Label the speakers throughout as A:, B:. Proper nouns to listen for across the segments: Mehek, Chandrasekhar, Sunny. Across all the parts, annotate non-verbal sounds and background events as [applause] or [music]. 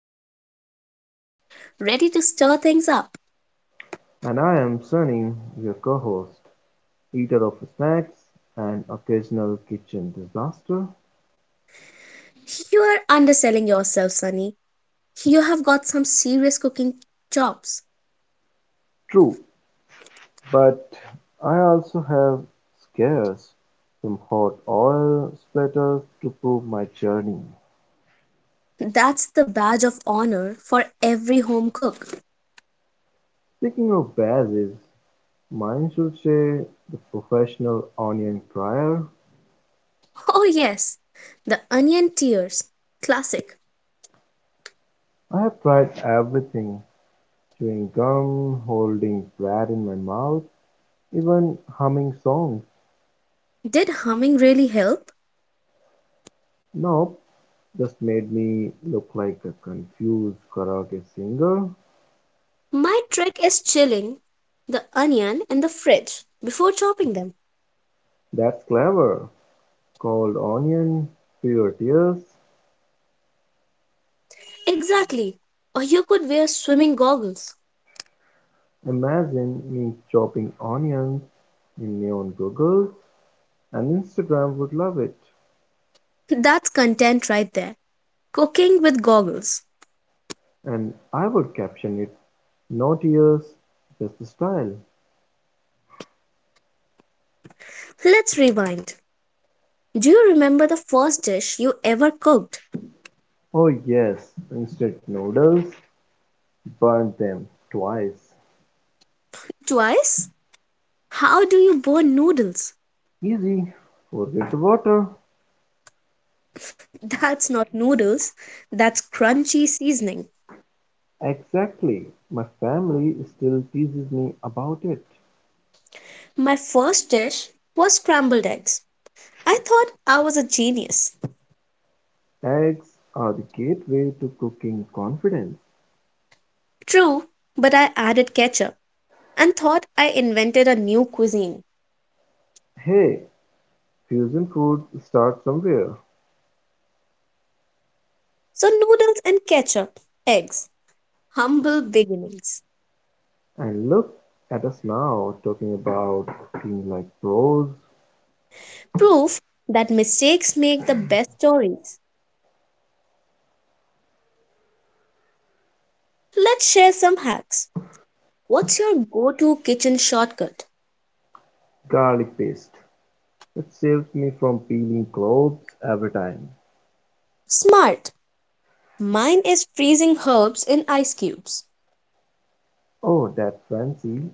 A: Mehek, your host, ready to stir things up.
B: And I am Sunny, your co-host, eater of snacks and occasional kitchen disaster.
A: You are underselling yourself, Sunny. You have got some serious cooking chops.
B: True, but I also have scares, some hot oil splatters to prove my journey.
A: That's the badge of honor for every home cook.
B: Speaking of bases, mine should say the professional onion dryer.
A: Oh, yes, the onion tears. Classic.
B: I have tried everything, chewing gum, holding bread in my mouth, even humming songs.
A: Did humming really help?
B: Nope, just made me look like a confused karaoke singer.
A: My trick is chilling the onion in the fridge before chopping them.
B: That's clever. Cold onion, fewer tears.
A: Exactly. Or you could wear swimming goggles.
B: Imagine me chopping onions in neon goggles, and Instagram would love it.
A: That's content right there. Cooking with goggles.
B: And I would caption it no tears, just the style.
A: Let's rewind. Do you remember the first dish you ever cooked?
B: Oh, yes, instant noodles, burn them twice.
A: Twice? How do you burn noodles?
B: Easy, forget the water.
A: [laughs] That's not noodles, that's crunchy seasoning.
B: Exactly, my family still teases me about it.
A: My first dish was scrambled eggs. I thought I was a genius.
B: Eggs are the gateway to cooking confidence.
A: True, but I added ketchup and thought I invented a new cuisine.
B: Hey, fusion food starts somewhere.
A: So, noodles and ketchup, eggs, humble beginnings.
B: And look at us now talking about things like pros,
A: Proof that mistakes make the best stories. Let's share some hacks. What's your go to kitchen shortcut?
B: garlic paste. It saves me from peeling clothes every time.
A: Smart. Mine is freezing herbs in ice cubes.
B: Oh, that's fancy.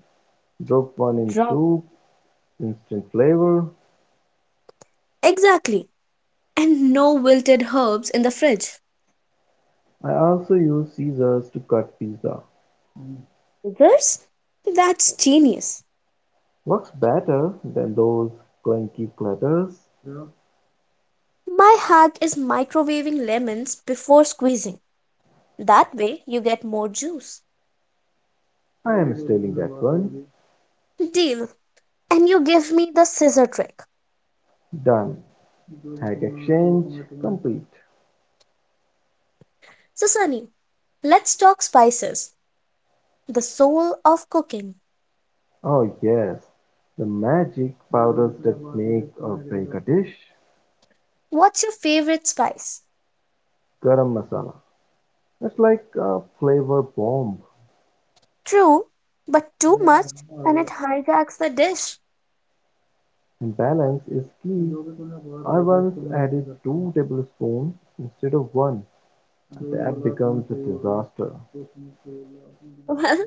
B: Drop one in
A: Drop.
B: soup, instant flavor.
A: Exactly. And no wilted herbs in the fridge.
B: I also use scissors to cut pizza.
A: Others? That's genius.
B: Works better than those clunky platters.
A: My hack is microwaving lemons before squeezing. That way you get more juice.
B: I am stealing that one.
A: Deal. And you give me the scissor trick.
B: Done. Hack exchange complete.
A: So, Sunny, let's talk spices. The soul of cooking.
B: Oh yes, the magic powders that make or break a dish.
A: What's your favorite spice?
B: Garam masala. It's like a flavor bomb.
A: True, but too much and it hijacks the dish.
B: And balance is key. I once added 2 tablespoons instead of one. That becomes a disaster.
A: [laughs] Well,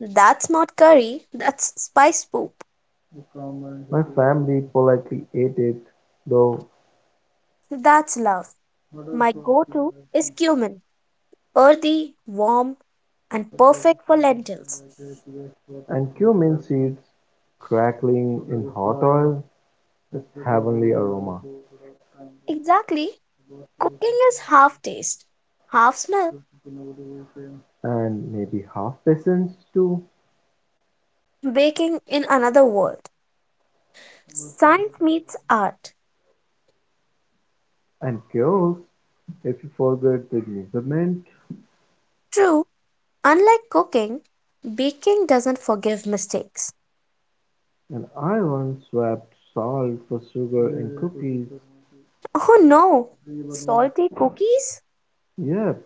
A: that's not curry, that's spice poop.
B: My family politely ate it, though,
A: That's love. My go to is cumin, earthy, warm, and perfect for lentils.
B: and cumin seeds crackling in hot oil heavenly aroma.
A: Exactly. Cooking is half taste, half smell,
B: And maybe half peasants too,
A: baking in another world. Science meets art.
B: and girls, if you forget the measurement.
A: True, unlike cooking, baking doesn't forgive mistakes.
B: And I once swapped salt for sugar in cookies.
A: Oh no! Salty cookies,
B: Yep,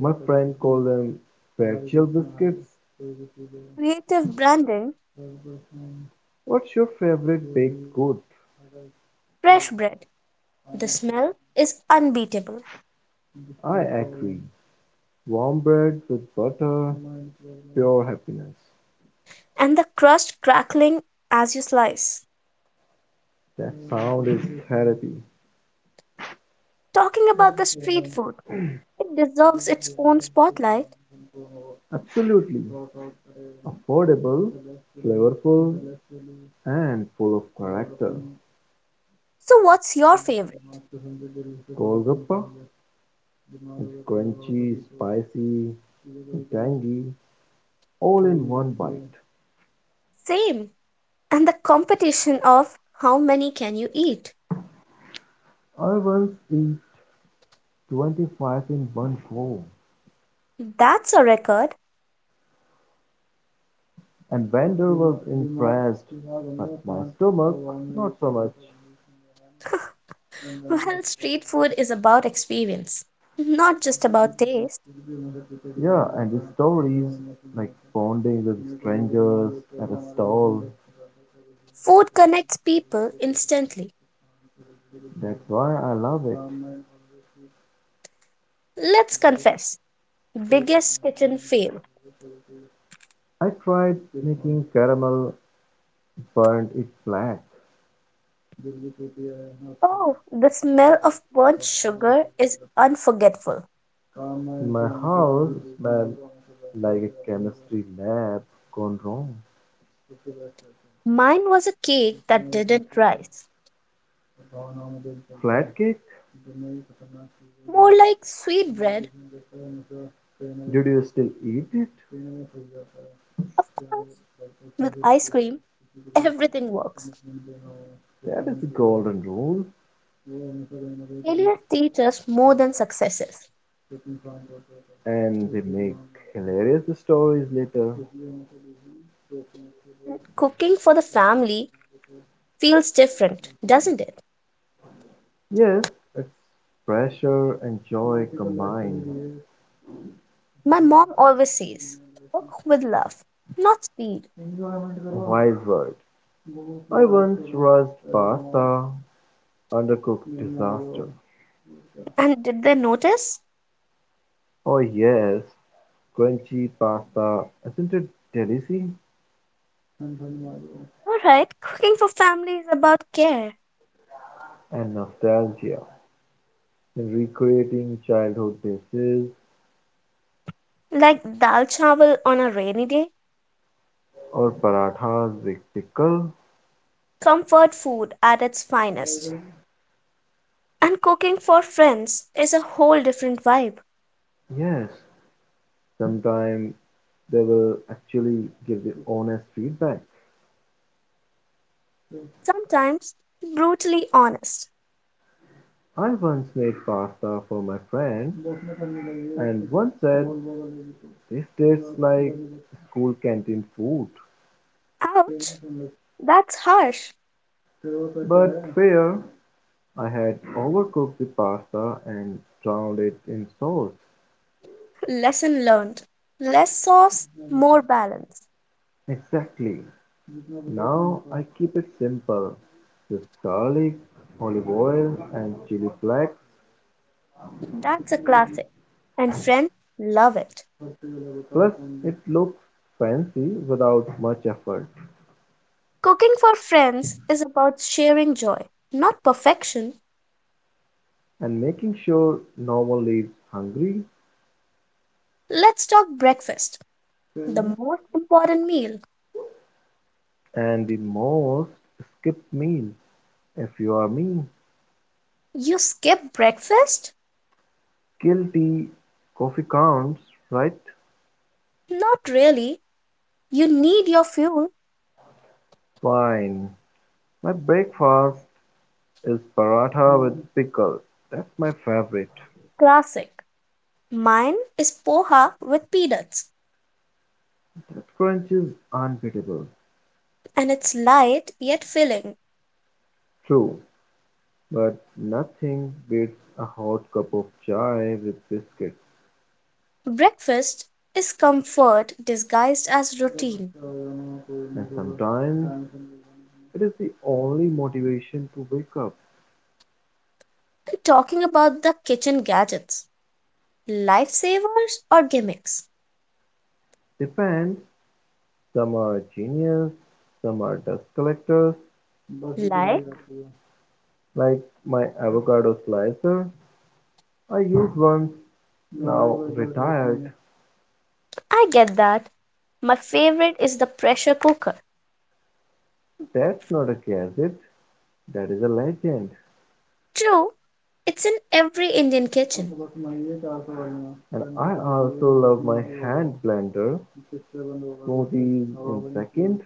B: my friend called them virtual biscuits.
A: creative branding,
B: What's your favorite baked good?
A: fresh bread. The smell is unbeatable,
B: I agree. Warm bread with butter, pure happiness.
A: and the crust crackling as you slice.
B: That sound is therapy.
A: Talking about the street food, it deserves its own spotlight.
B: Absolutely. Affordable, flavorful, and full of character.
A: So, what's your favorite?
B: Golgappa is crunchy, spicy, and tangy, all in one bite.
A: Same. And the competition of how many can you eat?
B: I once ate 25 in one go,
A: That's a record.
B: and vendor was impressed, but my stomach, not so much.
A: Well, street food is about experience, not just about taste.
B: Yeah, and the stories like bonding with strangers at a stall.
A: Food connects people instantly.
B: That's why I love it.
A: Let's confess. Biggest kitchen fail.
B: I tried making caramel, burnt it black.
A: Oh, the smell of burnt sugar is unforgettable.
B: My house smelled like a chemistry lab gone wrong.
A: Mine was a cake that didn't rise.
B: Flat cake?
A: More like sweet bread.
B: Did you still eat it?
A: Of course, with ice cream, everything works.
B: That is the golden rule,
A: Failures teach us more than successes.
B: and they make hilarious stories later.
A: Cooking for the family feels different, doesn't it?
B: Yes, it's pressure and joy combined.
A: My mom always says, cook with love, not speed.
B: Wise word. I once rushed pasta, undercooked disaster.
A: And did they notice?
B: Oh yes, crunchy pasta, isn't it delicious?
A: Alright, cooking for family is about care.
B: And nostalgia. Recreating childhood dishes
A: Like dal chawal on a rainy day.
B: or parathas with pickle?
A: Comfort food at its finest. And cooking for friends is a whole different vibe,
B: Yes, sometimes they will actually give the honest feedback.
A: sometimes brutally honest.
B: I once made pasta for my friend and one said, this tastes like school canteen food.
A: Ouch, that's harsh.
B: But fair, I had overcooked the pasta and drowned it in sauce.
A: [laughs] Lesson learned. Less sauce, more balance.
B: Exactly. Now I keep it simple. Just garlic, olive oil and chili flakes.
A: That's a classic, and friends love it.
B: Plus it looks fancy without much effort.
A: Cooking for friends is about sharing joy, not perfection.
B: And making sure no one leaves hungry
A: Let's talk breakfast, the most important meal.
B: and the most skip meal if you are me.
A: You skip breakfast?
B: Guilty coffee counts, right?
A: Not really. You need your fuel.
B: Fine. My breakfast is paratha with pickle. That's my favorite.
A: Classic. Mine is poha with peanuts,
B: That crunch is unbeatable.
A: and it's light yet filling.
B: True, but nothing beats a hot cup of chai with biscuits,
A: Breakfast is comfort disguised as routine.
B: and sometimes it is the only motivation to wake up.
A: We're talking about the kitchen gadgets, lifesavers or gimmicks.
B: Depends. Some are genius, some are dust collectors,
A: Like,
B: like my avocado slicer. I used once, now retired.
A: I get that. My favorite is the pressure cooker.
B: That's not a gadget, that is a legend.
A: True, it's in every Indian kitchen.
B: And I also love my hand blender, smoothies in second.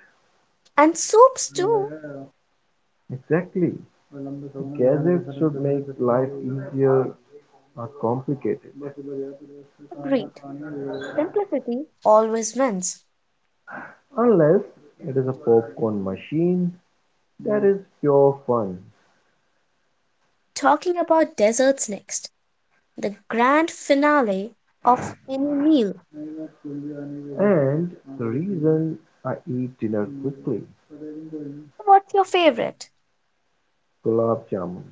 A: And soups too.
B: Exactly. Gadgets should make life easier, not complicated.
A: Agreed. Simplicity always wins.
B: Unless it is a popcorn machine that is pure fun.
A: Talking about desserts next. The grand finale of any meal.
B: And the reason I eat dinner quickly
A: What's your favorite?
B: gulab jamun,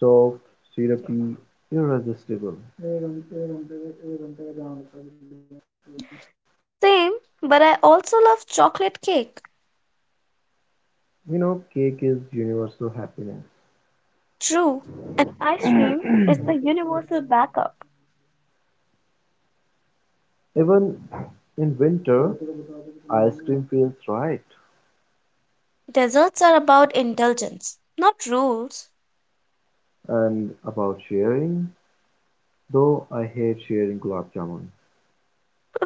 B: soft, syrupy, irresistible.
A: Same, but I also love chocolate cake.
B: You know, cake is universal happiness.
A: True, and ice cream is the universal backup.
B: Even in winter, ice cream feels right.
A: Desserts are about indulgence, not rules. [laughs]
B: And about sharing, though I hate sharing gulab jamun.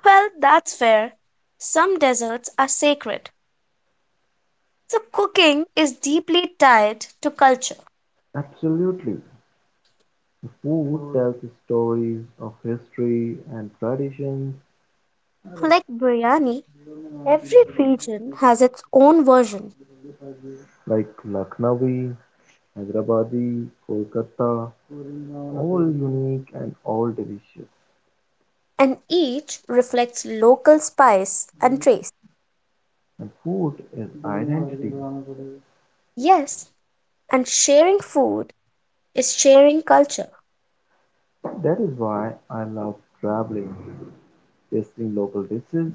A: Well, that's fair. Some desserts are sacred. So cooking is deeply tied to culture.
B: Absolutely. The food tells the stories of history and traditions
A: Like biryani, every region has its own version,
B: like Lucknowi, Hyderabadi, Kolkata, all unique and all delicious.
A: and each reflects local spice and taste.
B: And food is identity.
A: Yes, and sharing food is sharing culture.
B: That is why I love traveling, tasting local dishes.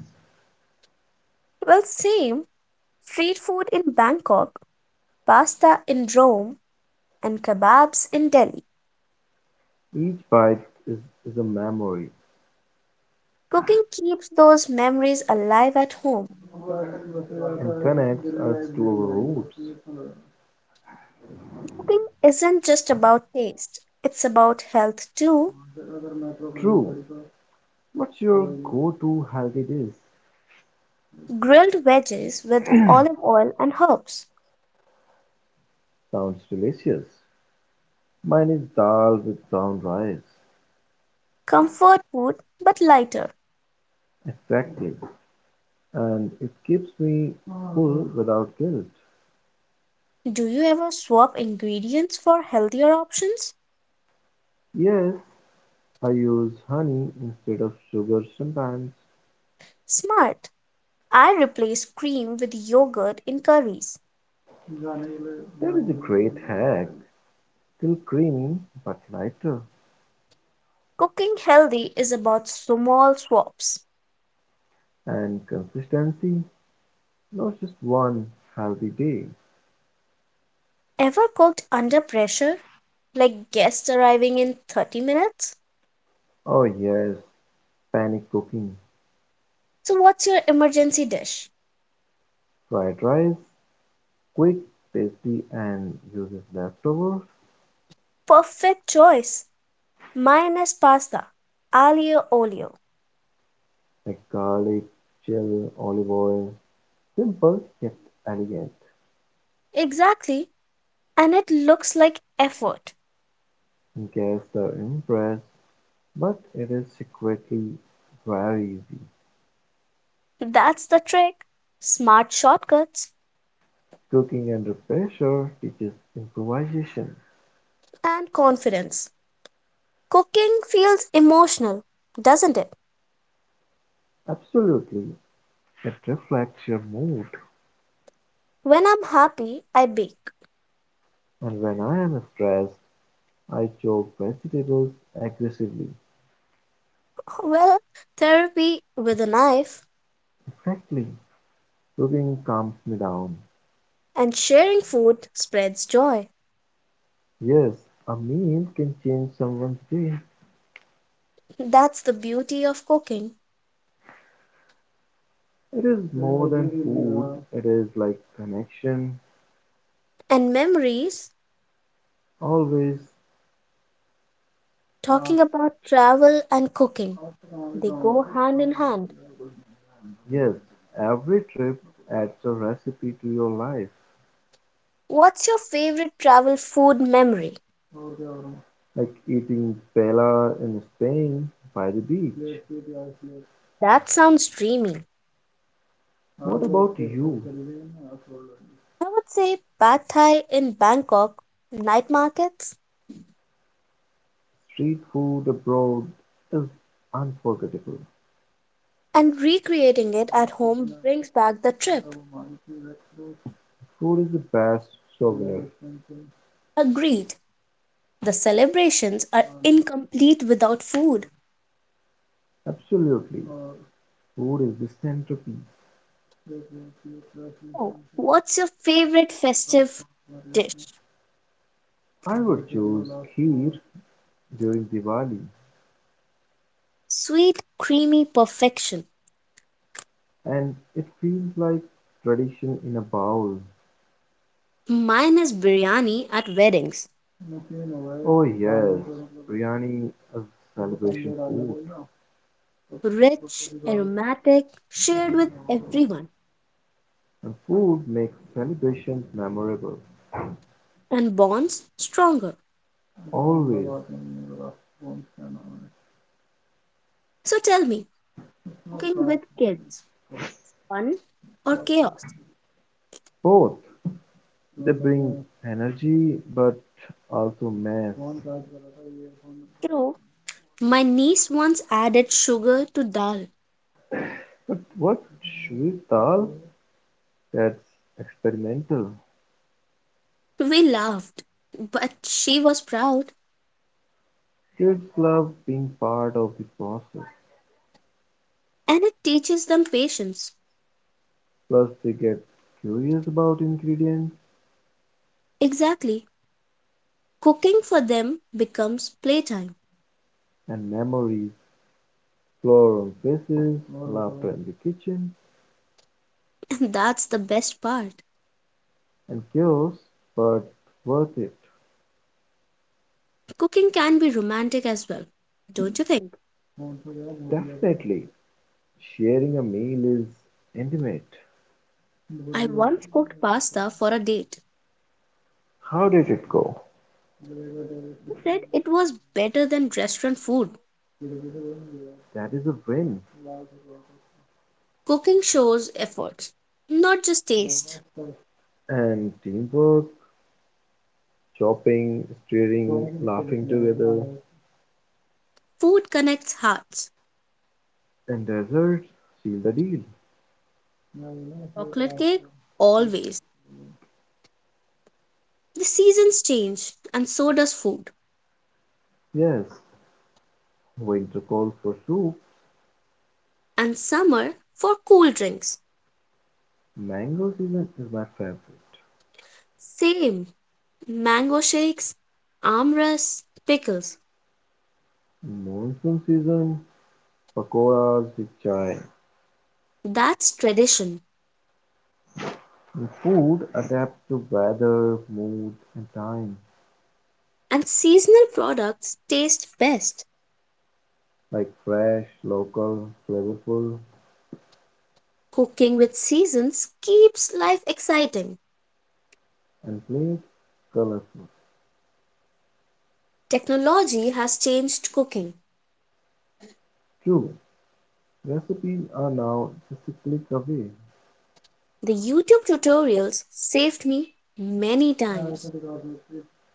A: Well, same, street food in Bangkok, pasta in Rome, and kebabs in Delhi.
B: Each bite is, is a memory
A: Cooking keeps those memories alive at home.
B: and connects us to our roots.
A: Cooking isn't just about taste, it's about health too.
B: True. What's your go to healthy dish?
A: Grilled veggies with olive oil and herbs.
B: Sounds delicious. Mine is dal with brown rice.
A: Comfort food, but lighter.
B: Exactly. And it keeps me full without guilt.
A: Do you ever swap ingredients for healthier options?
B: Yes, I use honey instead of sugar sometimes.
A: Smart. I replace cream with yogurt in curries.
B: There is a great hack, still creamy but lighter.
A: Cooking healthy is about small swaps.
B: And consistency, not just one healthy day.
A: Ever cooked under pressure, like guests arriving in 30 minutes?
B: Oh yes, panic cooking.
A: So, what's your emergency dish?
B: Fried rice, quick, tasty and uses leftovers
A: Perfect choice. Mine is pasta, aglio olio.
B: like garlic, chill, olive oil. Simple yet elegant.
A: Exactly. And it looks like effort.
B: Guests are impressed, but it is secretly very easy.
A: That's the trick. Smart shortcuts
B: Cooking under pressure teaches improvisation.
A: and confidence. Cooking feels emotional, doesn't it?
B: Absolutely, it reflects your mood.
A: When I'm happy, I bake.
B: And when I am stressed, I choke vegetables aggressively.
A: Well, therapy with a knife.
B: Exactly, cooking calms me down.
A: And sharing food spreads joy.
B: Yes, a meal can change someone's day.
A: That's the beauty of cooking.
B: It is more than food, it is like connection.
A: And memories,
B: Always,
A: talking about travel and cooking, they go hand in hand.
B: yes, every trip adds a recipe to your life,
A: What's your favorite travel food memory?
B: like eating paella in Spain by the beach.
A: That sounds dreamy.
B: What about you?
A: I would say pad thai in Bangkok, night markets,
B: Street food abroad is unforgettable.
A: and recreating it at home brings back the trip.
B: Food is the best souvenir.
A: Agreed. The celebrations are incomplete without food.
B: Absolutely. Food is the centerpiece.
A: Oh, what's your favorite festive dish?
B: I would choose kheer during Diwali,
A: Sweet, creamy perfection.
B: and it feels like tradition in a bowl.
A: Mine is biryani at weddings.
B: Oh, yes, biryani is celebration food,
A: Rich, aromatic, shared with everyone,
B: and food makes celebrations memorable.
A: and bonds stronger.
B: Always.
A: So tell me, cooking with kids, fun or chaos?
B: Both. They bring energy but also mess.
A: True, my niece once added sugar to dal.
B: But what Shrital, that's experimental.
A: We laughed, but she was proud,
B: Kids love being part of the process.
A: and it teaches them patience.
B: Plus they get curious about ingredients
A: Exactly, cooking for them becomes playtime,
B: and memories, floral faces, laughter in the kitchen,
A: [laughs] and that's the best part.
B: and chaos, but worth it.
A: Cooking can be romantic as well, don't you think?
B: Definitely, sharing a meal is intimate.
A: I once cooked pasta for a date.
B: How did it go?
A: He said it was better than restaurant food.
B: That is a win.
A: Cooking shows effort, not just taste.
B: And teamwork, chopping, stirring, laughing together.
A: Food connects hearts.
B: And desserts seal the deal.
A: Chocolate cake, always. The seasons change, and so does food.
B: Yes, winter calls for soup.
A: And summer for cool drinks.
B: Mango season is my favorite.
A: Same. Mango shakes, armrests, pickles.
B: Monsoon season, pakoras with chai.
A: That's tradition.
B: And food adapts to weather, mood, and time.
A: And seasonal products taste best.
B: Like fresh, local, flavorful,
A: Cooking with Seasons keeps life exciting.
B: and plates colorful.
A: Technology has changed cooking.
B: True, recipes are now just a click away.
A: The YouTube tutorials saved me many times.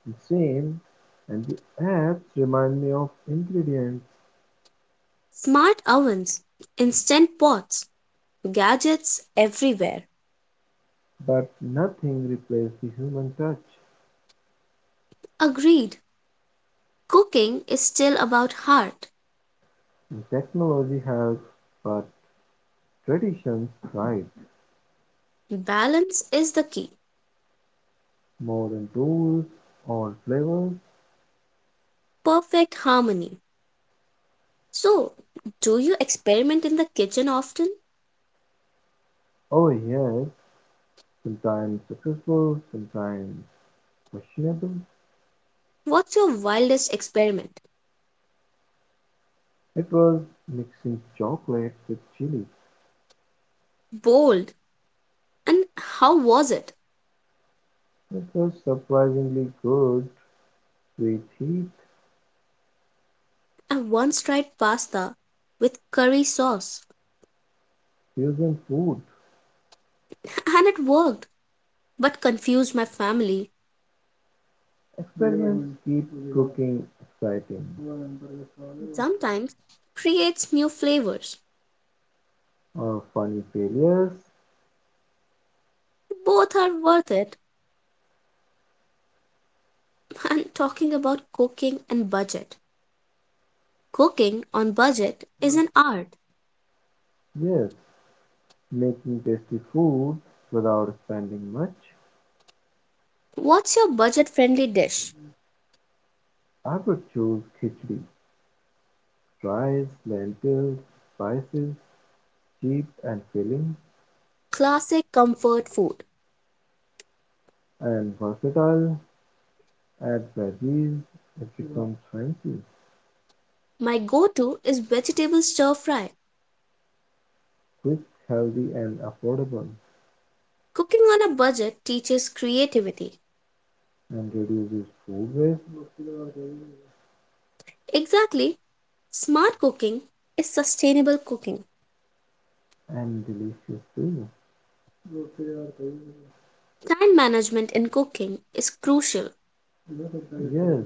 B: The same, and the apps remind me of ingredients,
A: Smart ovens, instant pots, gadgets everywhere.
B: but nothing replaces the human touch.
A: Agreed. Cooking is still about heart.
B: Technology helps, but traditions thrive.
A: Balance is the key.
B: More than tools, or flavors.
A: Perfect harmony. So, do you experiment in the kitchen often?
B: Oh yes, sometimes successful, sometimes questionable.
A: What's your wildest experiment?
B: It was mixing chocolate with chili.
A: Bold. And how was it?
B: It was surprisingly good with heat
A: I once tried pasta with curry sauce.
B: fusion food.
A: [laughs] And it worked, but confused my family,
B: Experiments keep cooking exciting.
A: and sometimes creates new flavors.
B: Or funny failures.
A: Both are worth it. [laughs] And talking about cooking and budget, cooking on budget is an art.
B: Yes, making tasty food without spending much.
A: What's your budget friendly dish?
B: I would choose khichdi, rice, lentils, spices, cheap and filling
A: Classic comfort food.
B: and versatile, add veggies, it becomes fancy,
A: My go to is vegetable stir fry.
B: quick, healthy and affordable
A: Cooking on a budget teaches creativity.
B: and reduces food waste
A: Exactly, smart cooking is sustainable cooking.
B: and delicious too.
A: Time management in cooking is crucial,
B: Yes,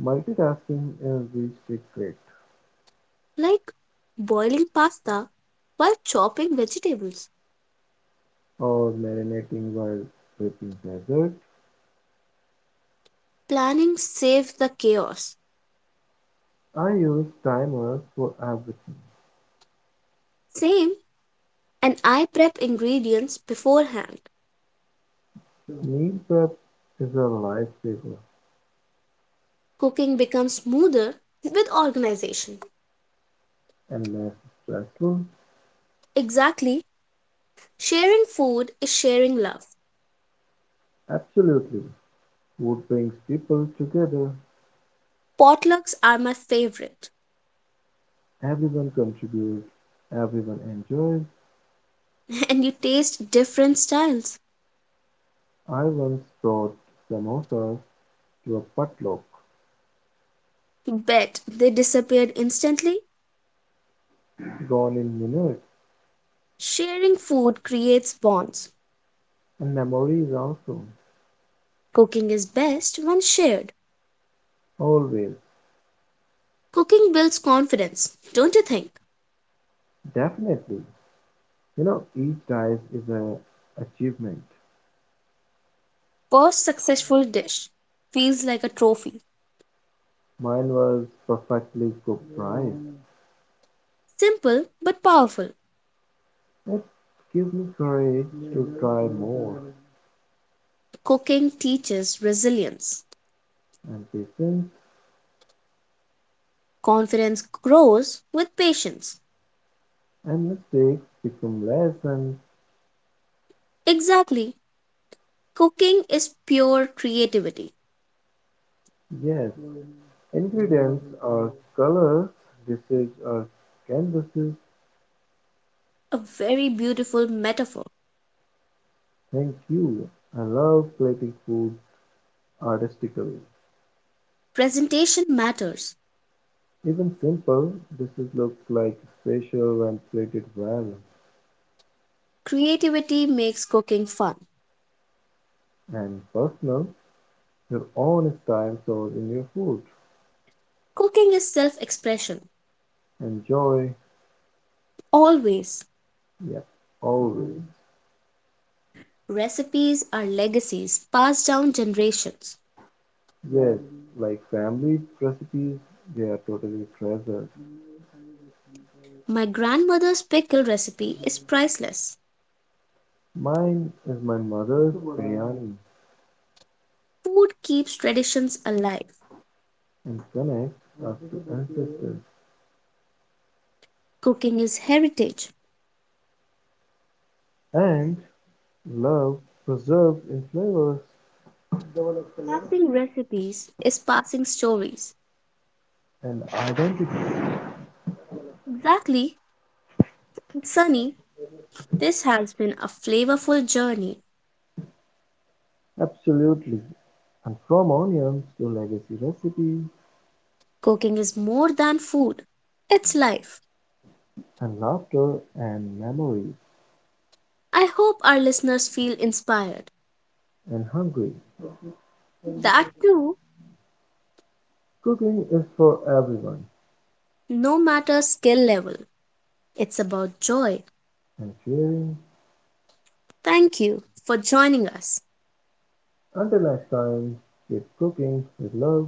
B: multitasking is the secret
A: like boiling pasta while chopping vegetables.
B: or marinating while prepping dessert.
A: Planning saves the chaos.
B: I use timers for everything.
A: Same, and I prep ingredients beforehand.
B: Meal prep is a lifesaver.
A: Cooking becomes smoother with organization.
B: And less stressful?
A: Exactly, sharing food is sharing love.
B: Absolutely. Food brings people together.
A: Potlucks are my favorite,
B: Everyone contributes, everyone enjoys.
A: [laughs] and you taste different styles.
B: I once brought samosas to a potluck,
A: Bet they disappeared instantly.
B: gone in minutes,
A: Sharing food creates bonds.
B: and memories also.
A: Cooking is best when shared.
B: Always.
A: Cooking builds confidence, don't you think?
B: Definitely. You know, each dice is an achievement.
A: First successful dish feels like a trophy.
B: Mine was perfectly cooked rice.
A: Simple but powerful.
B: It gives me courage to try more,
A: Cooking teaches resilience.
B: and patience
A: Confidence grows with patience.
B: and mistakes become lessons.
A: Exactly. Cooking is pure creativity.
B: Yes, ingredients are colors, dishes are canvases.
A: A very beautiful metaphor.
B: Thank you. I love plating food artistically.
A: Presentation matters.
B: Even simple dishes look like special when plated well
A: Creativity makes cooking fun.
B: and personal. Your own style shows in your food.
A: Cooking is self expression.
B: Enjoy,
A: Always.
B: yeah, always.
A: Recipes are legacies passed down generations.
B: Yes, like family recipes, they are totally treasures.
A: My grandmother's pickle recipe is priceless.
B: Mine is my mother's biryani
A: Food keeps traditions alive.
B: and connects us to ancestors.
A: Cooking is heritage.
B: And love preserved in flavors
A: Passing recipes is passing stories.
B: and identity.
A: Exactly. Sunny, this has been a flavorful journey.
B: Absolutely. And from onions to legacy recipes
A: Cooking is more than food, it's life.
B: and laughter and memories
A: I hope our listeners feel inspired.
B: and hungry.
A: That too,
B: Cooking is for everyone
A: no matter skill level, it's about joy.
B: and sharing.
A: Thank you for joining us.
B: Until next time, keep cooking with love.